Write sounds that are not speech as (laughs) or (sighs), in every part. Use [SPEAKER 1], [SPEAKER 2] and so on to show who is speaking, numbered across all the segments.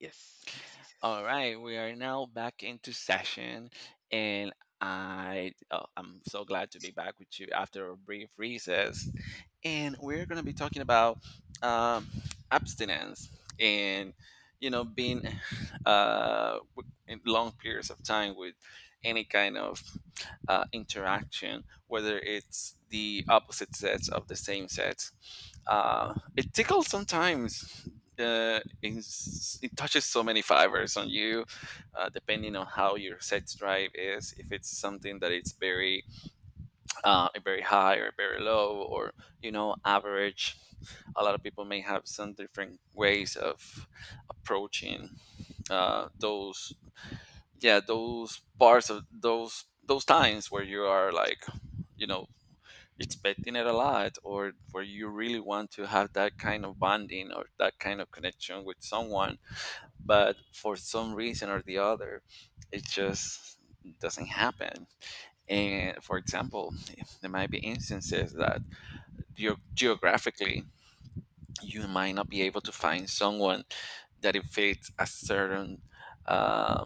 [SPEAKER 1] Yes, yes, yes,
[SPEAKER 2] All
[SPEAKER 1] yes.
[SPEAKER 2] right, we are now back into session, and I'm so glad to be back with you after a brief recess, and we're gonna be talking about um, abstinence and being in long periods of time with any kind of interaction, whether it's the opposite sets of the same sets. It tickles sometimes. It touches so many fibers on you, depending on how your sex drive is. If it's something that it's very high or very low, or, you know, average. A lot of people may have some different ways of approaching those, yeah, those parts of those times where you are like, you know, expecting it a lot, or where you really want to have that kind of bonding or that kind of connection with someone, but for some reason or the other it just doesn't happen. And for example, there might be instances that geographically you might not be able to find someone that it fits a certain uh,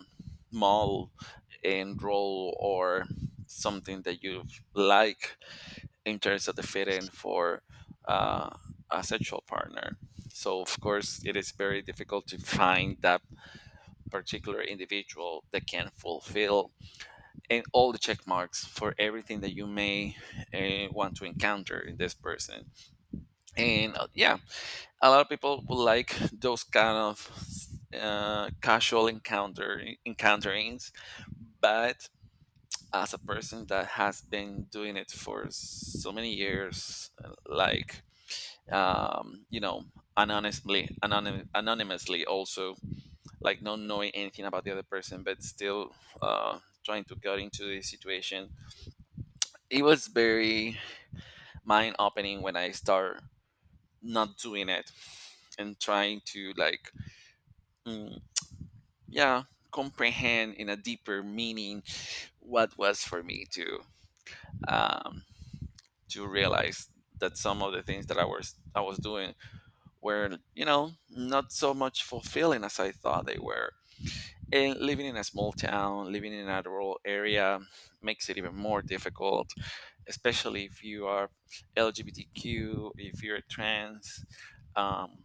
[SPEAKER 2] mall and role, or something that you like in terms of the fitting for uh, a sexual partner. So, of course, it is very difficult to find that particular individual that can fulfill and all the check marks for everything that you may want to encounter in this person. And yeah, a lot of people would like those kind of casual encounterings, but as a person that has been doing it for so many years, um, you know, anonymously, anonymously also, like not knowing anything about the other person, but still uh, trying to get into the situation. It was very mind opening when I start not doing it, and trying to like, mm, yeah, comprehend in a deeper meaning what was for me um, to realize that some of the things that I was doing were, you know, not so much fulfilling as I thought they were. And living in a small town, living in a rural area makes it even more difficult, especially if you are LGBTQ, if you're trans. Um,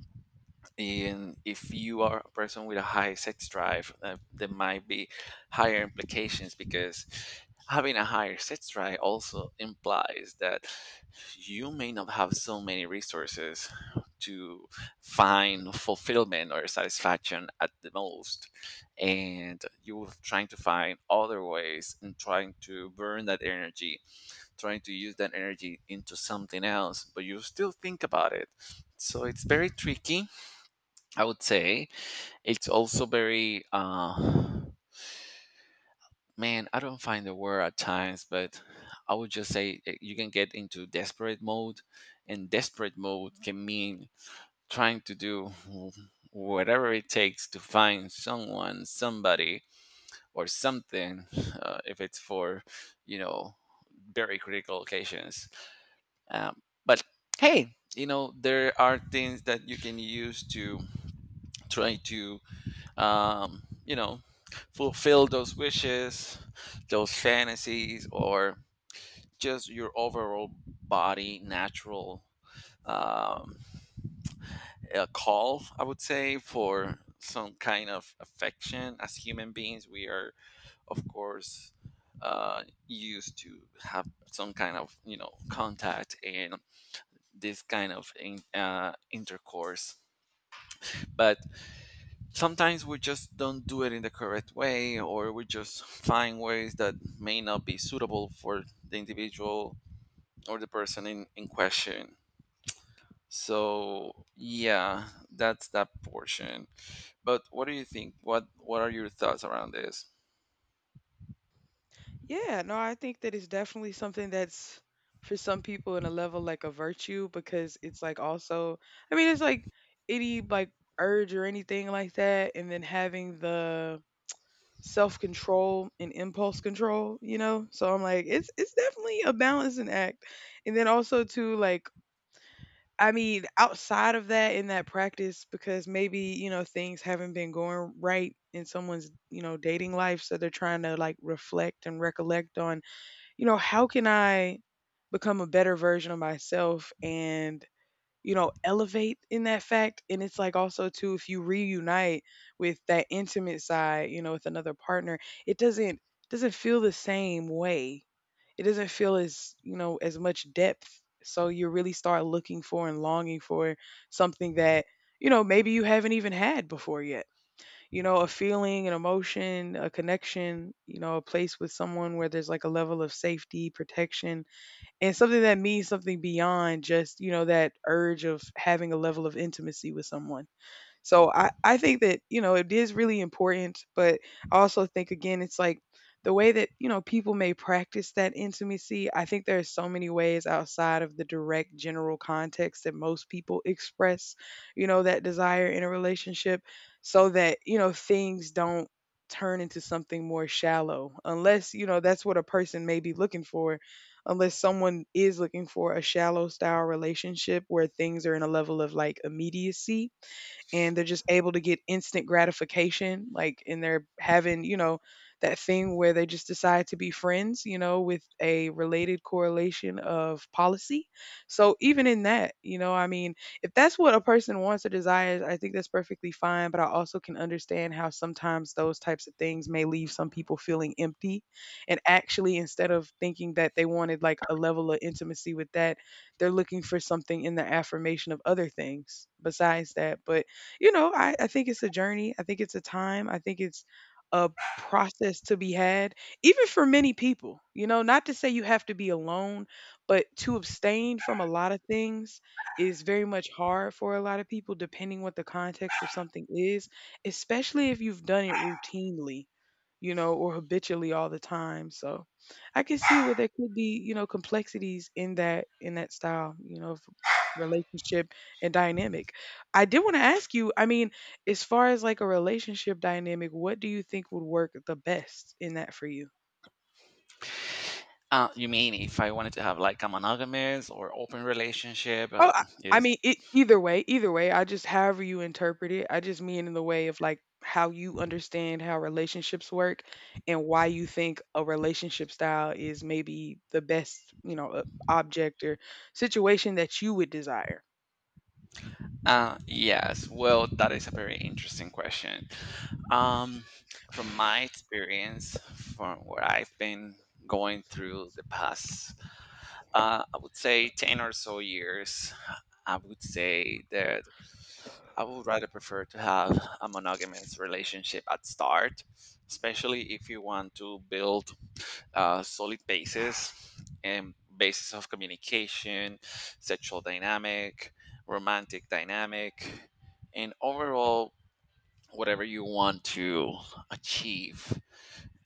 [SPEAKER 2] and if you are a person with a high sex drive, there might be higher implications, because having a higher sex drive also implies that you may not have so many resources to find fulfillment or satisfaction at the most, and you're trying to find other ways and trying to burn that energy, trying to use that energy into something else, but you still think about it. So it's very tricky, I would say. It's also very, man, I don't find the word at times, but I would just say, eh, you can get into desperate mode, and desperate mode can mean trying to do whatever it takes to find someone, somebody, or something. (laughs) If it's for, you know very critical occasions, um, but hey, you know there are things that you can use to try to um, you know, fulfill those wishes, those fantasies, or just your overall body natural, um, a call, I would say, for some kind of affection. As human beings, we are, of course, used to have some kind of, you know, contact and this kind of intercourse. But sometimes we just don't do it in the correct way, or we just find ways that may not be suitable for the individual or the person in question. So yeah, that's that portion. But what do you think? What are your thoughts around this?
[SPEAKER 1] Yeah, no, I think that it's definitely something that's for some people in a level like a virtue, because it's like also, I mean, it's like any like urge or anything like that, and then having the self-control and impulse control, you know? So I'm like, it's definitely a balancing act. And then also too, like I mean, outside of that in that practice, because maybe, you know, things haven't been going right in someone's, you know, dating life, so they're trying to like reflect and recollect on, you know, how can I become a better version of myself and, you know, elevate in that fact. And it's like also too, if you reunite with that intimate side, you know, with another partner, it doesn't feel the same way. It doesn't feel as, you know, as much depth, so you really start looking for and longing for something that, you know, maybe you haven't even had before yet, you know, a feeling, an emotion, a connection, you know, a place with someone where there's like a level of safety, protection, and something that means something beyond just, you know, that urge of having a level of intimacy with someone. So I think that, you know, it is really important, but I also think, again, it's like the way that, you know, people may practice that intimacy, I think there are so many ways outside of the direct general context that most people express, you know, that desire in a relationship, so that, you know, things don't turn into something more shallow, unless, you know, that's what a person may be looking for. Unless someone is looking for a shallow style relationship where things are in a level of like immediacy, and they're just able to get instant gratification, like, and they're having, you know, that thing where they just decide to be friends, you know, with a related correlation of policy. So even in that, you know, I mean, if that's what a person wants or desires, I think that's perfectly fine, but I also can understand how sometimes those types of things may leave some people feeling empty, and actually instead of thinking that they wanted like a level of intimacy with that, they're looking for something in the affirmation of other things besides that. But you know, I think it's a journey. I think it's a time. I think it's a process to be had, even for many people. You know, not to say you have to be alone, but to abstain from a lot of things is very much hard for a lot of people, depending what the context of something is, especially if you've done it routinely, you know, or habitually all the time. So I can see where there could be, you know, complexities in that, in that style, you know, of relationship and dynamic. I did want to ask you, I mean, as far as like a relationship dynamic, what do you think would work the best in that for you?
[SPEAKER 2] You mean if I wanted to have like a monogamous or open relationship?
[SPEAKER 1] Oh, I I
[SPEAKER 2] Is
[SPEAKER 1] mean, it, either way, I just, however you interpret it, I just mean in the way of like how you understand how relationships work, and why you think a relationship style is maybe the best, you know, object or situation that you would desire.
[SPEAKER 2] Yes, well, that is a very interesting question. Um, from my experience, from what I've been going through the past, I would say 10 or so years, I would say that I would rather prefer to have a monogamous relationship at start, especially if you want to build solid basis and basis of communication, sexual dynamic, romantic dynamic, and overall, whatever you want to achieve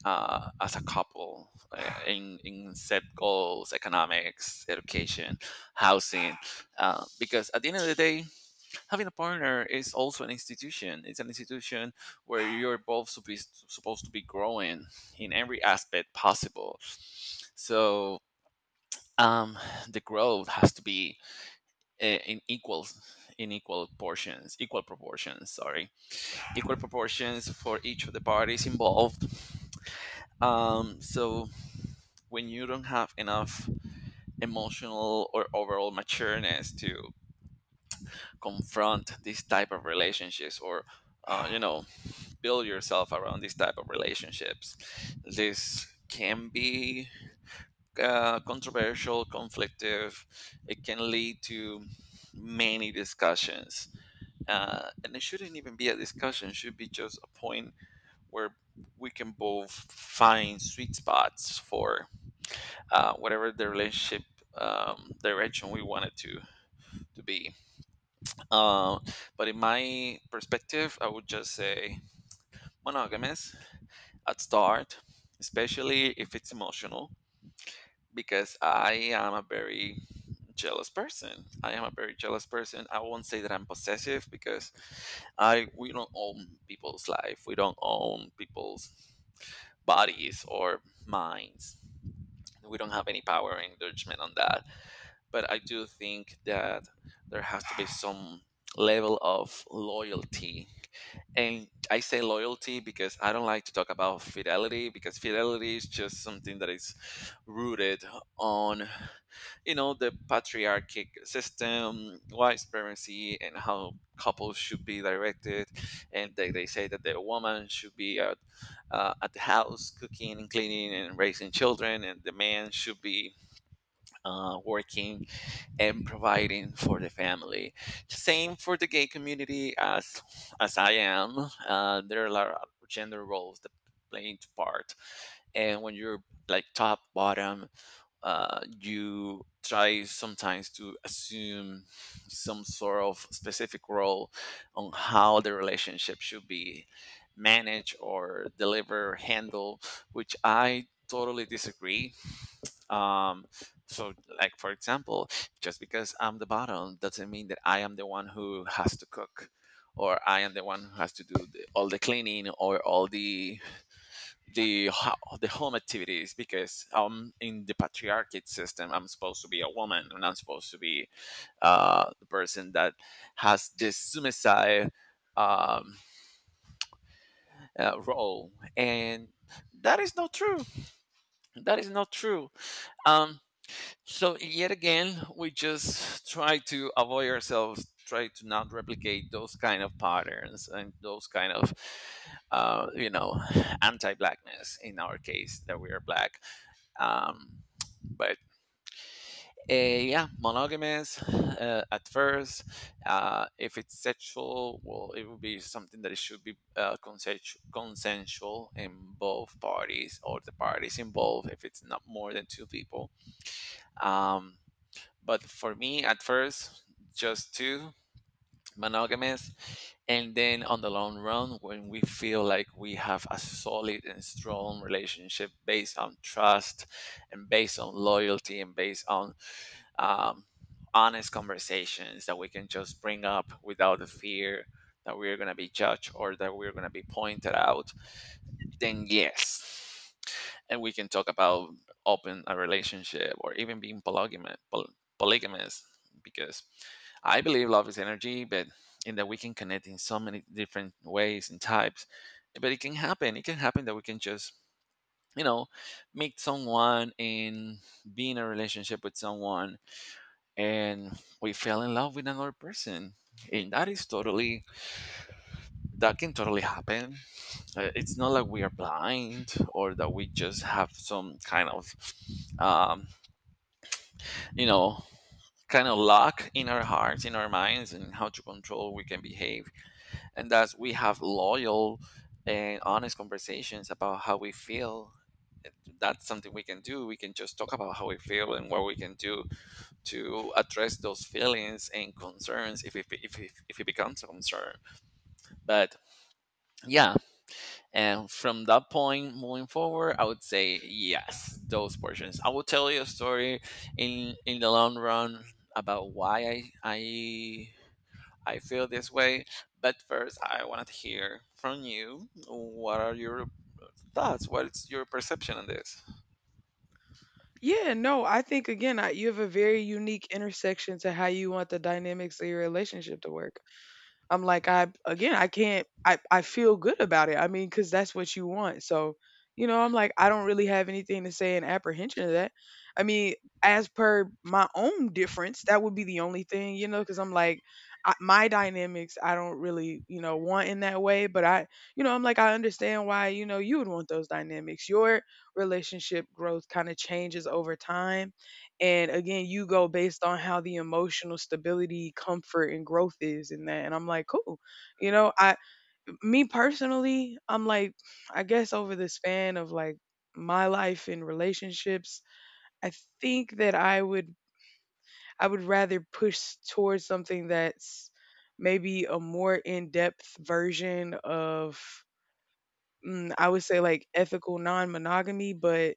[SPEAKER 2] as a couple, in set goals, economics, education, housing. Because at the end of the day, having a partner is also an institution. It's an institution where supposed to be growing in every aspect possible. So um, the growth has to be, uh, in equal in equal portions, equal proportions for each of the parties involved. So when you don't have enough emotional or overall matureness to confront these type of relationships, or uh, you know build yourself around these type of relationships. This can be controversial, conflictive. It can lead to many discussions, and it shouldn't even be a discussion. It should be just a point where we can both find sweet spots for whatever the relationship direction we want it to be. Um, but in my perspective, I would just say monogamous at start, especially if it's emotional, because I am a very jealous person. I am a very jealous person. I won't say that I'm possessive because I we don't own people's life. We don't own people's bodies or minds. We don't have any power and judgment on that. But I do think that there has to be some level of loyalty. And I say loyalty because I don't like to talk about fidelity, because fidelity is just something that is rooted on, you know, the patriarchic system, white supremacy, and how couples should be directed. And they say that the woman should be at the house cooking and cleaning and raising children, and the man should be working and providing for the family. Same for the gay community, as I am. There are a lot of gender roles that play into part, and when you're like top bottom, you try sometimes to assume some sort of specific role on how the relationship should be managed or deliver handle, which I totally disagree. um, so, like for example, just because I'm the bottom doesn't mean that I am the one who has to cook, or I am the one who has to do the, all the cleaning or all the the home activities. Because in the patriarchal system, I'm supposed to be a woman, and I'm supposed to be the person that has this suicide um, role, and that is not true. That is not true. Um, So yet again, we just try to avoid ourselves, try to not replicate those kind of patterns and those kind of, uh, you know, anti-blackness in our case that we are black. Um, but Yeah, monogamous at first. If it's sexual, well, it would be something that it should be consensual, consensual in both parties or the parties involved if it's not more than two people. Um, but for me, at first, just two monogamous. And then on the long run, when we feel like we have a solid and strong relationship based on trust, and based on loyalty, and based on um, honest conversations that we can just bring up without the fear that we're going to be judged or that we're going to be pointed out, then yes, and we can talk about open a relationship or even being polygamous, polygamous, because I believe love is energy, but in that we can connect in so many different ways and types. But it can happen. It can happen that we can just, you know, meet someone and be in a relationship with someone and we fell in love with another person. And that is totally, that can totally happen. It's not like we are blind or that we just have some kind of um, you know kind of lock in our hearts in our minds and how to control we can behave, and that's we have loyal and honest conversations about how we feel. That's something we can do. We can just talk about how we feel and what we can do to address those feelings and concerns if it becomes a concern. But yeah, and from that point moving forward, I would say yes, those portions. I will tell you a story in the long run about why I feel this way. But first, I wanted to hear from you. What are your thoughts? What is your perception on this?
[SPEAKER 1] Yeah, no, I think again, I, you have a very unique intersection to how you want the dynamics of your relationship to work. I'm like, I again, I can't. I feel good about it. I mean, because that's what you want. So, you know, I'm like, I don't really have anything to say in apprehension of that. I mean, as per my own difference, that would be the only thing, you know, because I'm like, I, my dynamics, I don't really, you know, want in that way. But I, you know, I'm like, I understand why, you know, you would want those dynamics. Your relationship growth kind of changes over time, and again, you go based on how the emotional stability, comfort, and growth is in that. And I'm like, cool. You know, I, me personally, I'm like, I guess over the span of like my life and relationships, I think that I would rather push towards something that's maybe a more in depth version of, I would say like ethical non monogamy, but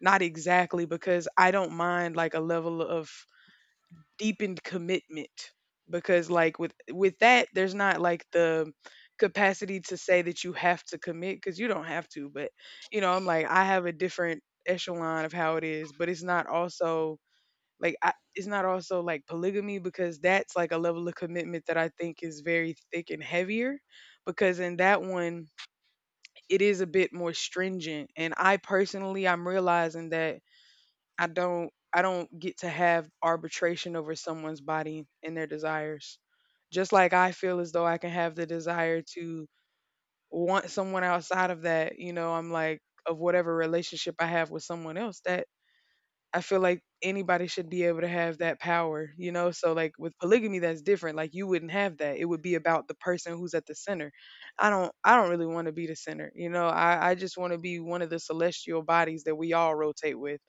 [SPEAKER 1] not exactly because I don't mind like a level of deepened commitment, because like with that there's not like the capacity to say that you have to commit because you don't have to. But you know, I'm like, I have a different echelon of how it is, but it's not also like it's not also like polygamy, because that's like a level of commitment that I think is very thick and heavier, because in that one it is a bit more stringent, and I personally, I'm realizing that I don't get to have arbitration over someone's body and their desires. Just like I feel as though I can have the desire to want someone outside of that, you know, I'm like, of whatever relationship I have with someone else, that I feel like anybody should be able to have that power, you know? So like with polygamy that's different. Like you wouldn't have that. It would be about the person who's at the center. I don't really want to be the center. You know, I just want to be one of the celestial bodies that we all rotate with,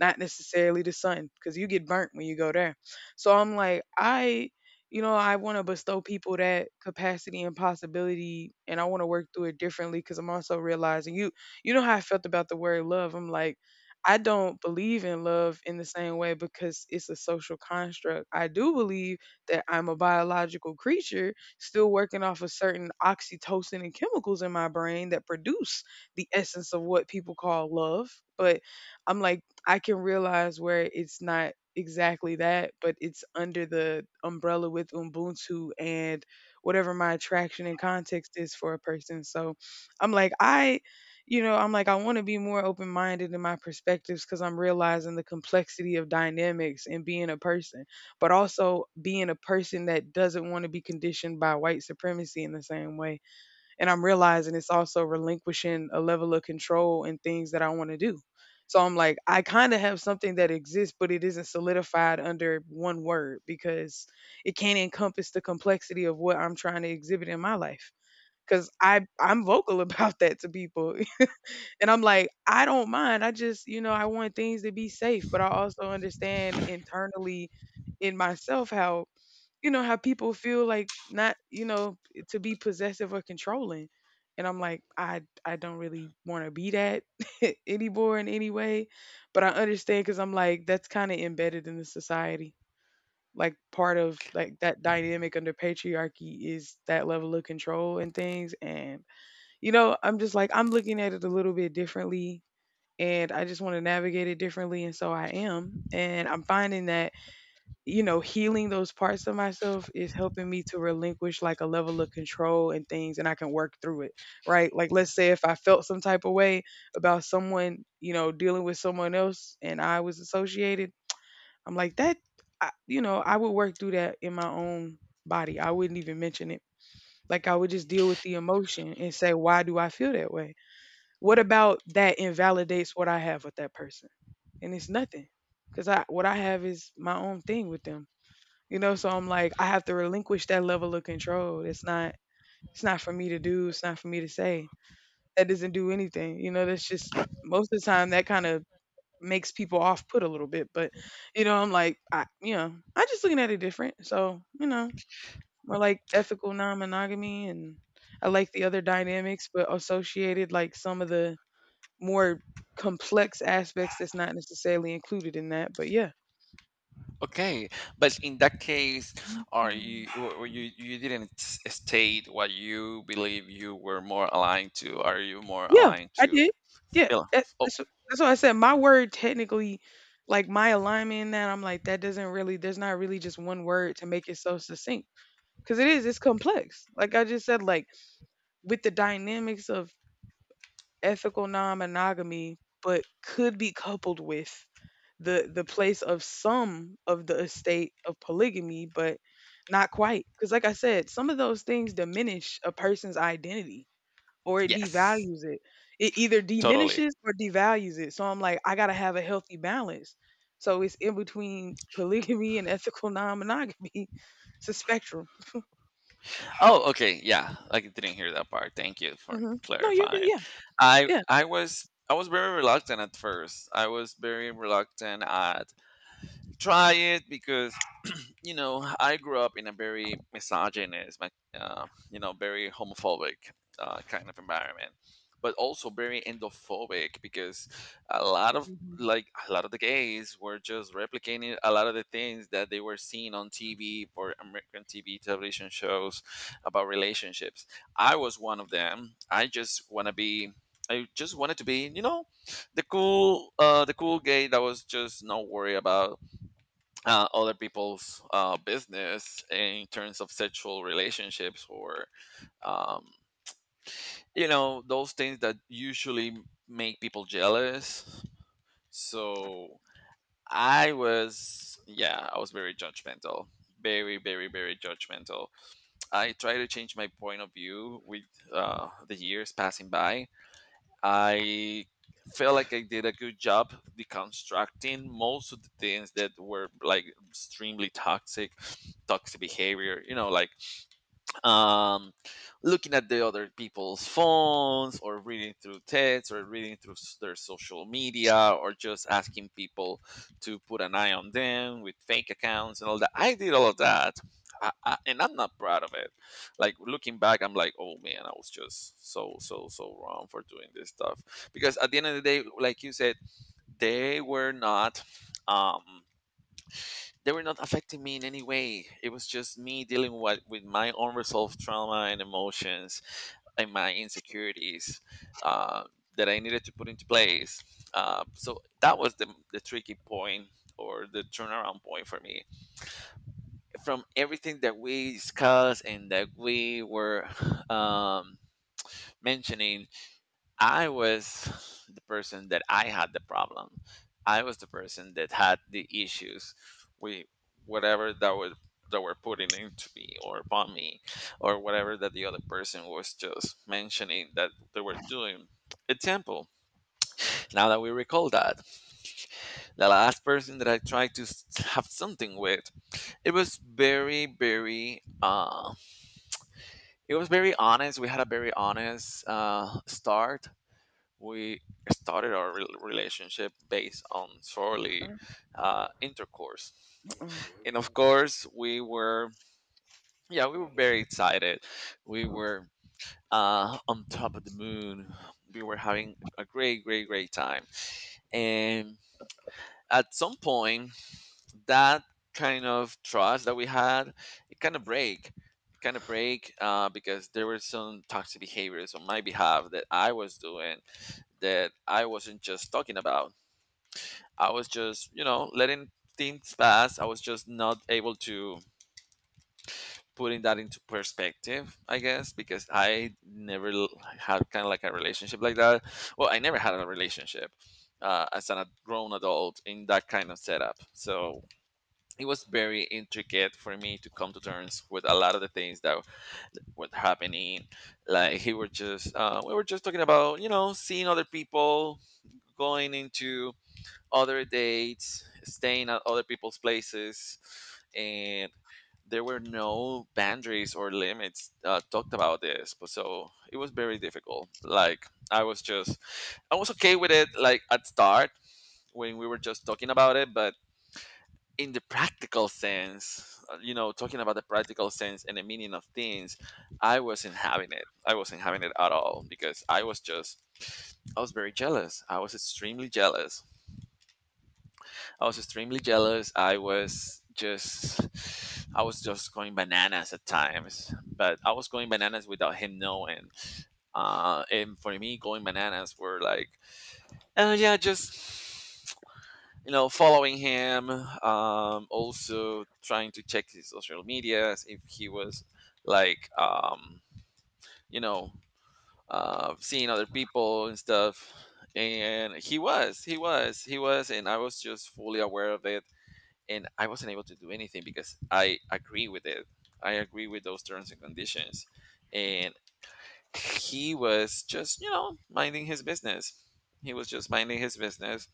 [SPEAKER 1] not necessarily the sun, because you get burnt when you go there. So I'm like, I, you know, I want to bestow people that capacity and possibility, and I want to work through it differently because I'm also realizing you know how I felt about the word love. I'm like, I don't believe in love in the same way because it's a social construct. I do believe that I'm a biological creature still working off of certain oxytocin and chemicals in my brain that produce the essence of what people call love. But I'm like, I can realize where it's not exactly that, but it's under the umbrella with Ubuntu and whatever my attraction and context is for a person. So I'm like, I, you know, I'm like, I want to be more open minded in my perspectives because I'm realizing the complexity of dynamics and being a person, but also being a person that doesn't want to be conditioned by white supremacy in the same way. And I'm realizing it's also relinquishing a level of control in things that I want to do. So I'm like, I kind of have something that exists, but it isn't solidified under one word because it can't encompass the complexity of what I'm trying to exhibit in my life. Cause I'm vocal (laughs) about that to people, (laughs) and I'm like, I don't mind. I just, you know, I want things to be safe, but I also understand internally in myself how, you know, how people feel like, not, you know, to be possessive or controlling, and I'm like, I don't really want to be that (laughs) anymore in any way. But I understand, because I'm like, that's kind of embedded in the society. Like part of like that dynamic under patriarchy is that level of control and things. And you know, I'm just like, I'm looking at it a little bit differently, and I just want to navigate it differently, and so I am, and I'm finding that, you know, healing those parts of myself is helping me to relinquish like a level of control and things, and I can work through it, right? Like, let's say if I felt some type of way about someone, you know, dealing with someone else and I was associated, I'm like, that, I, you know, I would work through that in my own body. I wouldn't even mention it. Like, I would just deal with the emotion and say, why do I feel that way? What about that invalidates what I have with that person? And it's nothing, because I, what I have is my own thing with them, you know, so I'm like, I have to relinquish that level of control. It's not for me to do, it's not for me to say. That doesn't do anything. You know, that's just most of the time that kind of makes people off put a little bit. But, you know, I'm like, I, you know, I just looking at it different. So, you know, more like ethical non monogamy, and I like the other dynamics, but associated like some of the more complex aspects that's not necessarily included in that. But yeah.
[SPEAKER 2] Okay, but in that case, are
[SPEAKER 1] Mhm.
[SPEAKER 2] you, or you didn't state what you believe you were more aligned to? Are you more
[SPEAKER 1] Yeah,
[SPEAKER 2] aligned
[SPEAKER 1] I
[SPEAKER 2] to?
[SPEAKER 1] did. Yeah,
[SPEAKER 2] Bill? Oh,
[SPEAKER 1] that's what I said my word technically. Like, my alignment in that, I'm like, that doesn't really there's not really just one word to make it so succinct because it is, it's complex. Like I just said, like, with the dynamics of ethical non-monogamy, but could be coupled with the place of some of the estate of polygamy, but not quite because like I said, some of those things diminish a person's identity or it
[SPEAKER 2] yes,
[SPEAKER 1] devalues it. It either
[SPEAKER 2] totally.
[SPEAKER 1] diminishes or devalues it. So I'm like, I gotta have a healthy balance. So it's in between (laughs) polygamy and ethical non-monogamy. (laughs) It's a spectrum.
[SPEAKER 2] Oh, okay. Yeah, I didn't hear that part. Thank you for
[SPEAKER 1] Hmm. No, you're good.
[SPEAKER 2] clarifying.
[SPEAKER 1] Yeah,
[SPEAKER 2] I
[SPEAKER 1] yeah.
[SPEAKER 2] I was I was very reluctant at first. I was very reluctant at try it because you know, I grew up in a very misogynist, like, you know, very homophobic kind of environment, but also very endophobic because a lot of
[SPEAKER 1] Mhm.
[SPEAKER 2] the gays were just replicating a lot of the things that they were seeing on TV for American TV television shows about relationships. I was one of them. I just wanted to be, you know, the cool gay that was just not worried about other people's business in terms of sexual relationships or um, you know, those things that usually make people jealous. So I was, yeah, I was very judgmental, very judgmental. I try to change my point of view with the years passing by. I felt like I did a good job deconstructing most of the things that were like extremely toxic, toxic behavior, you know, like um, looking at the other people's phones or reading through texts or reading through their social media or just asking people to put an eye on them with fake accounts and all that. I did all of that. And I'm not proud of it. Like looking back, I'm like, oh man, I was just so wrong for doing this stuff. Because at the end of the day, like you said, they were not. Um, they were not affecting me in any way. It was just me dealing with my unresolved trauma and emotions and my insecurities, uh, that I needed to put into place. So that was the tricky point or the turnaround point for me. From everything that we discussed and that we were um, mentioning, I was the person that I had the problem. I was the person that had the issues with whatever that was that were putting into me or upon me or whatever that the other person was just mentioning that they were doing. Example, now that we recall that, the last person that I tried to have something with, it was very, it was very honest. We had a very honest start. We started our relationship based on
[SPEAKER 1] Uh,
[SPEAKER 2] solely intercourse.
[SPEAKER 1] uh-uh.
[SPEAKER 2] And of course we were, yeah, we were very excited. We were on top of the moon. We were having a great time. And at some point that kind of trust that we had, it kind of break it kind of break because there were some toxic behaviors on my behalf that I was doing, that I wasn't just talking about. I was just, you know, letting things pass. I was just not able to putting that into perspective, I guess, because I never had kind of like a relationship like that. Well, I never had a relationship as an grown adult in that kind of setup. So it was very intricate for me to come to terms with a lot of the things that were happening. Like we were just talking about, you know, seeing other people, going into other dates, staying at other people's places, and there were no boundaries or limits talked about this. But so it was very difficult. Like I was just, I was okay with it. Like at start when we were just talking about it, but in the practical sense, you know, talking about the practical sense and the meaning of things, I wasn't having it. I wasn't having it at all because I was just, I was very jealous. I was extremely jealous. I was just going bananas at times, but I was going bananas without him knowing. And for me, going bananas were like, oh yeah, just you know, following him. Also trying to check his social medias if he was like, you know, seeing other people and stuff. And he was, and I was just fully aware of it, and I wasn't able to do anything because I agree with it. I agree with those terms and conditions. And he was just, you know, minding his business. He was just minding his business.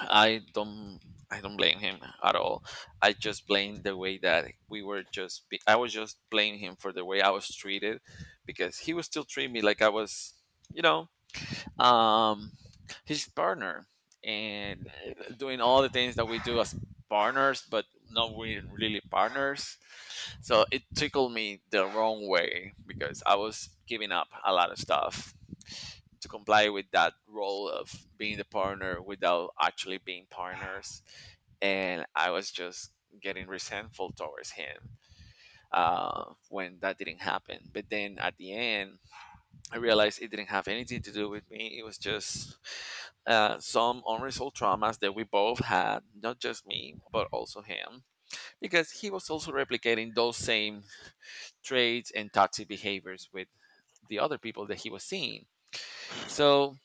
[SPEAKER 2] I don't I don't blame him at all. I just blame the way that we were just I was just blame him for the way I was treated, because he was still treating me like I was, you know, um he's partner, and doing all the things that we do as partners, but not really partners. So it tickled me the wrong way, because I was giving up a lot of stuff to comply with that role of being the partner without actually being partners. And I was just getting resentful towards him when that didn't happen. But then at the end, I realized it didn't have anything to do with me. It was just some unresolved traumas that we both had, not just me, but also him, because he was also replicating those same traits and toxic behaviors with the other people that he was seeing. So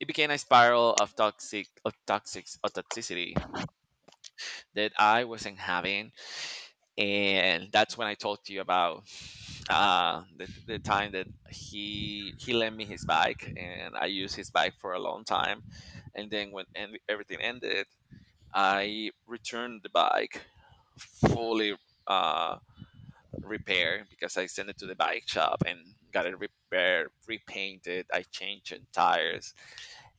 [SPEAKER 2] it became a spiral of toxicity that I wasn't having, and that's when I talked to you about the time that he lent me his bike, and I used his bike for a long time. And then when everything ended, I returned the bike fully uh repaired, because I sent it to the bike shop and got it repaired, repainted, I changed the tires.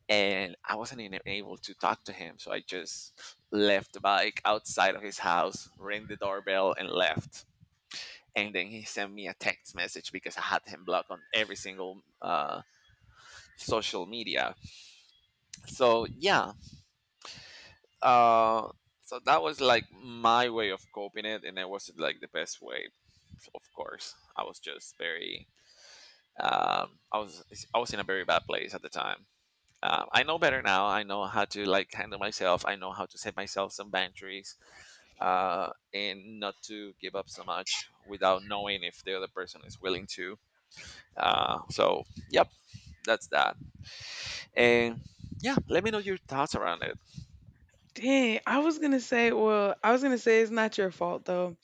[SPEAKER 2] And I wasn't even able to talk to him, so I just left the bike outside of his house, rang the doorbell, and left. And then he sent me a text message, because I had him blocked on every single social media. So yeah, uh, so that was like my way of coping it, and it wasn't like the best way. Of course, I was just very, um, I was, I was in a very bad place at the time. I know better now. I know how to like handle myself. I know how to set myself some boundaries and not to give up so much without knowing if the other person is willing to. So, yep, that's that. And yeah, let me know your thoughts around it.
[SPEAKER 1] Dang, I was gonna say, well, I was gonna say it's not your fault though.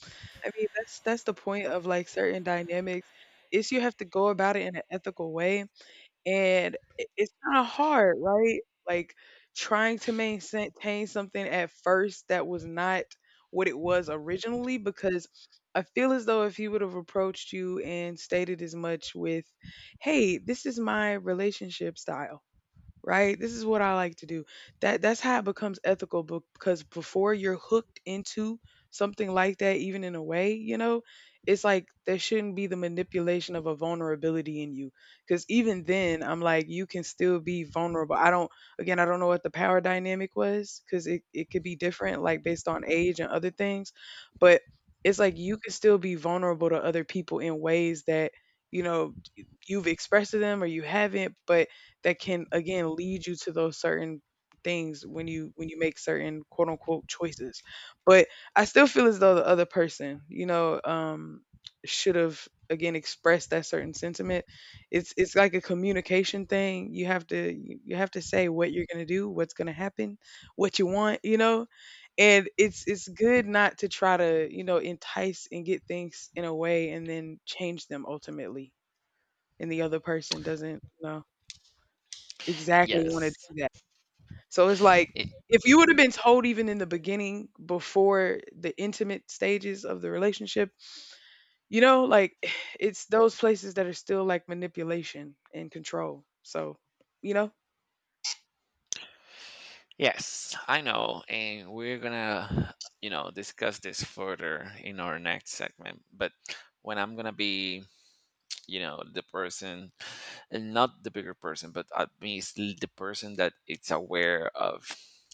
[SPEAKER 1] I mean, that's the point of like certain dynamics is you have to go about it in an ethical way. And I it's kinda hard, right? Like, trying to maintain something at first that was not what it was originally because I feel as though if he would have approached you and stated as much with, "Hey, this is my relationship style," right? This is what I like to do. That's how it becomes ethical because before you're hooked into something like that, even in a way, you know, it's like there shouldn't be the manipulation of a vulnerability in you. Because even then, I'm like, you can still be vulnerable. I don't, again, I don't know what the power dynamic was because it could be different, like based on age and other things. But it's like you can still be vulnerable to other people in ways that, you know, you've expressed to them or you haven't, but that can again lead you to those certain things when you make certain quote unquote choices. But I still feel as though the other person, you know, should have again expressed that certain sentiment. It's like a communication thing. You have to you have to say what you're going to do, what's going to happen, what you want, you know? And it's good not to try to, you know, entice and get things in a way and then change them ultimately and the other person doesn't, you know, exactly wanna
[SPEAKER 2] Yes.
[SPEAKER 1] do that. So it's like,
[SPEAKER 2] It,
[SPEAKER 1] if you would've been told even in the beginning before the intimate stages of the relationship, you know, like, (sighs) it's those places that are still, like, manipulation and control. So, you know?
[SPEAKER 2] yes, I know. And we're going to, you know, discuss this further in our next segment. But when I'm going to be, you know, the person, and not the bigger person, but at least the person that it's aware of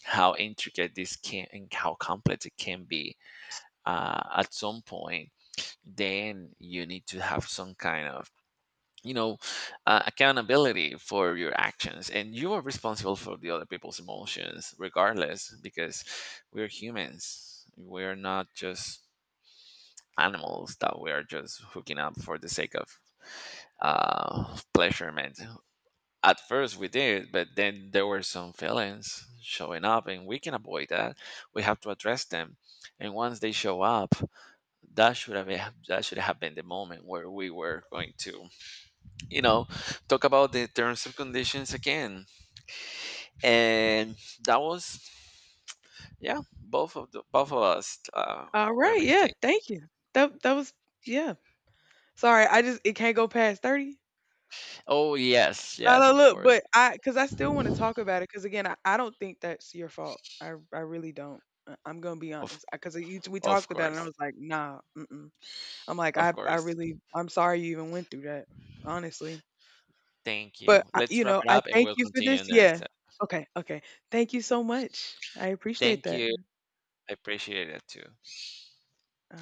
[SPEAKER 2] how intricate this can and how complex it can be at some point, then you need to have some kind of you know accountability for your actions, and you are responsible for the other people's emotions regardless, because we're humans, we're not just animals that we are just hooking up for the sake of pleasurement. At first we did, but then there were some feelings showing up, and we can avoid that, we have to address them. And once they show up, that should have that should have been the moment where we were going to you know talk about the terms and conditions again. And that was, yeah, both of us were
[SPEAKER 1] Alright, yeah,
[SPEAKER 2] mistaken.
[SPEAKER 1] thank you. That that was yeah. Sorry, I just it can't go past 30?
[SPEAKER 2] Oh yes,
[SPEAKER 1] No,
[SPEAKER 2] yes,
[SPEAKER 1] no,
[SPEAKER 2] of
[SPEAKER 1] look,
[SPEAKER 2] course.
[SPEAKER 1] but I because I still wanna talk about it because again, I don't think that's your fault. I really don't. I I'm gonna be
[SPEAKER 2] of
[SPEAKER 1] honest. Because you we
[SPEAKER 2] of
[SPEAKER 1] talked about it and I
[SPEAKER 2] course
[SPEAKER 1] was like, "Nah, mm-mm." I'm like,
[SPEAKER 2] Of
[SPEAKER 1] I
[SPEAKER 2] course,
[SPEAKER 1] really I'm sorry you even went through that, honestly."
[SPEAKER 2] thank you.
[SPEAKER 1] But, I
[SPEAKER 2] Let's
[SPEAKER 1] you
[SPEAKER 2] wrap
[SPEAKER 1] know,
[SPEAKER 2] it
[SPEAKER 1] I
[SPEAKER 2] up, and
[SPEAKER 1] thank
[SPEAKER 2] we'll
[SPEAKER 1] you for
[SPEAKER 2] continue
[SPEAKER 1] this.
[SPEAKER 2] in the next
[SPEAKER 1] Yeah.
[SPEAKER 2] step.
[SPEAKER 1] Okay, okay. Thank you so much. I appreciate
[SPEAKER 2] Thank
[SPEAKER 1] that.
[SPEAKER 2] you, I appreciate it too.
[SPEAKER 1] Uh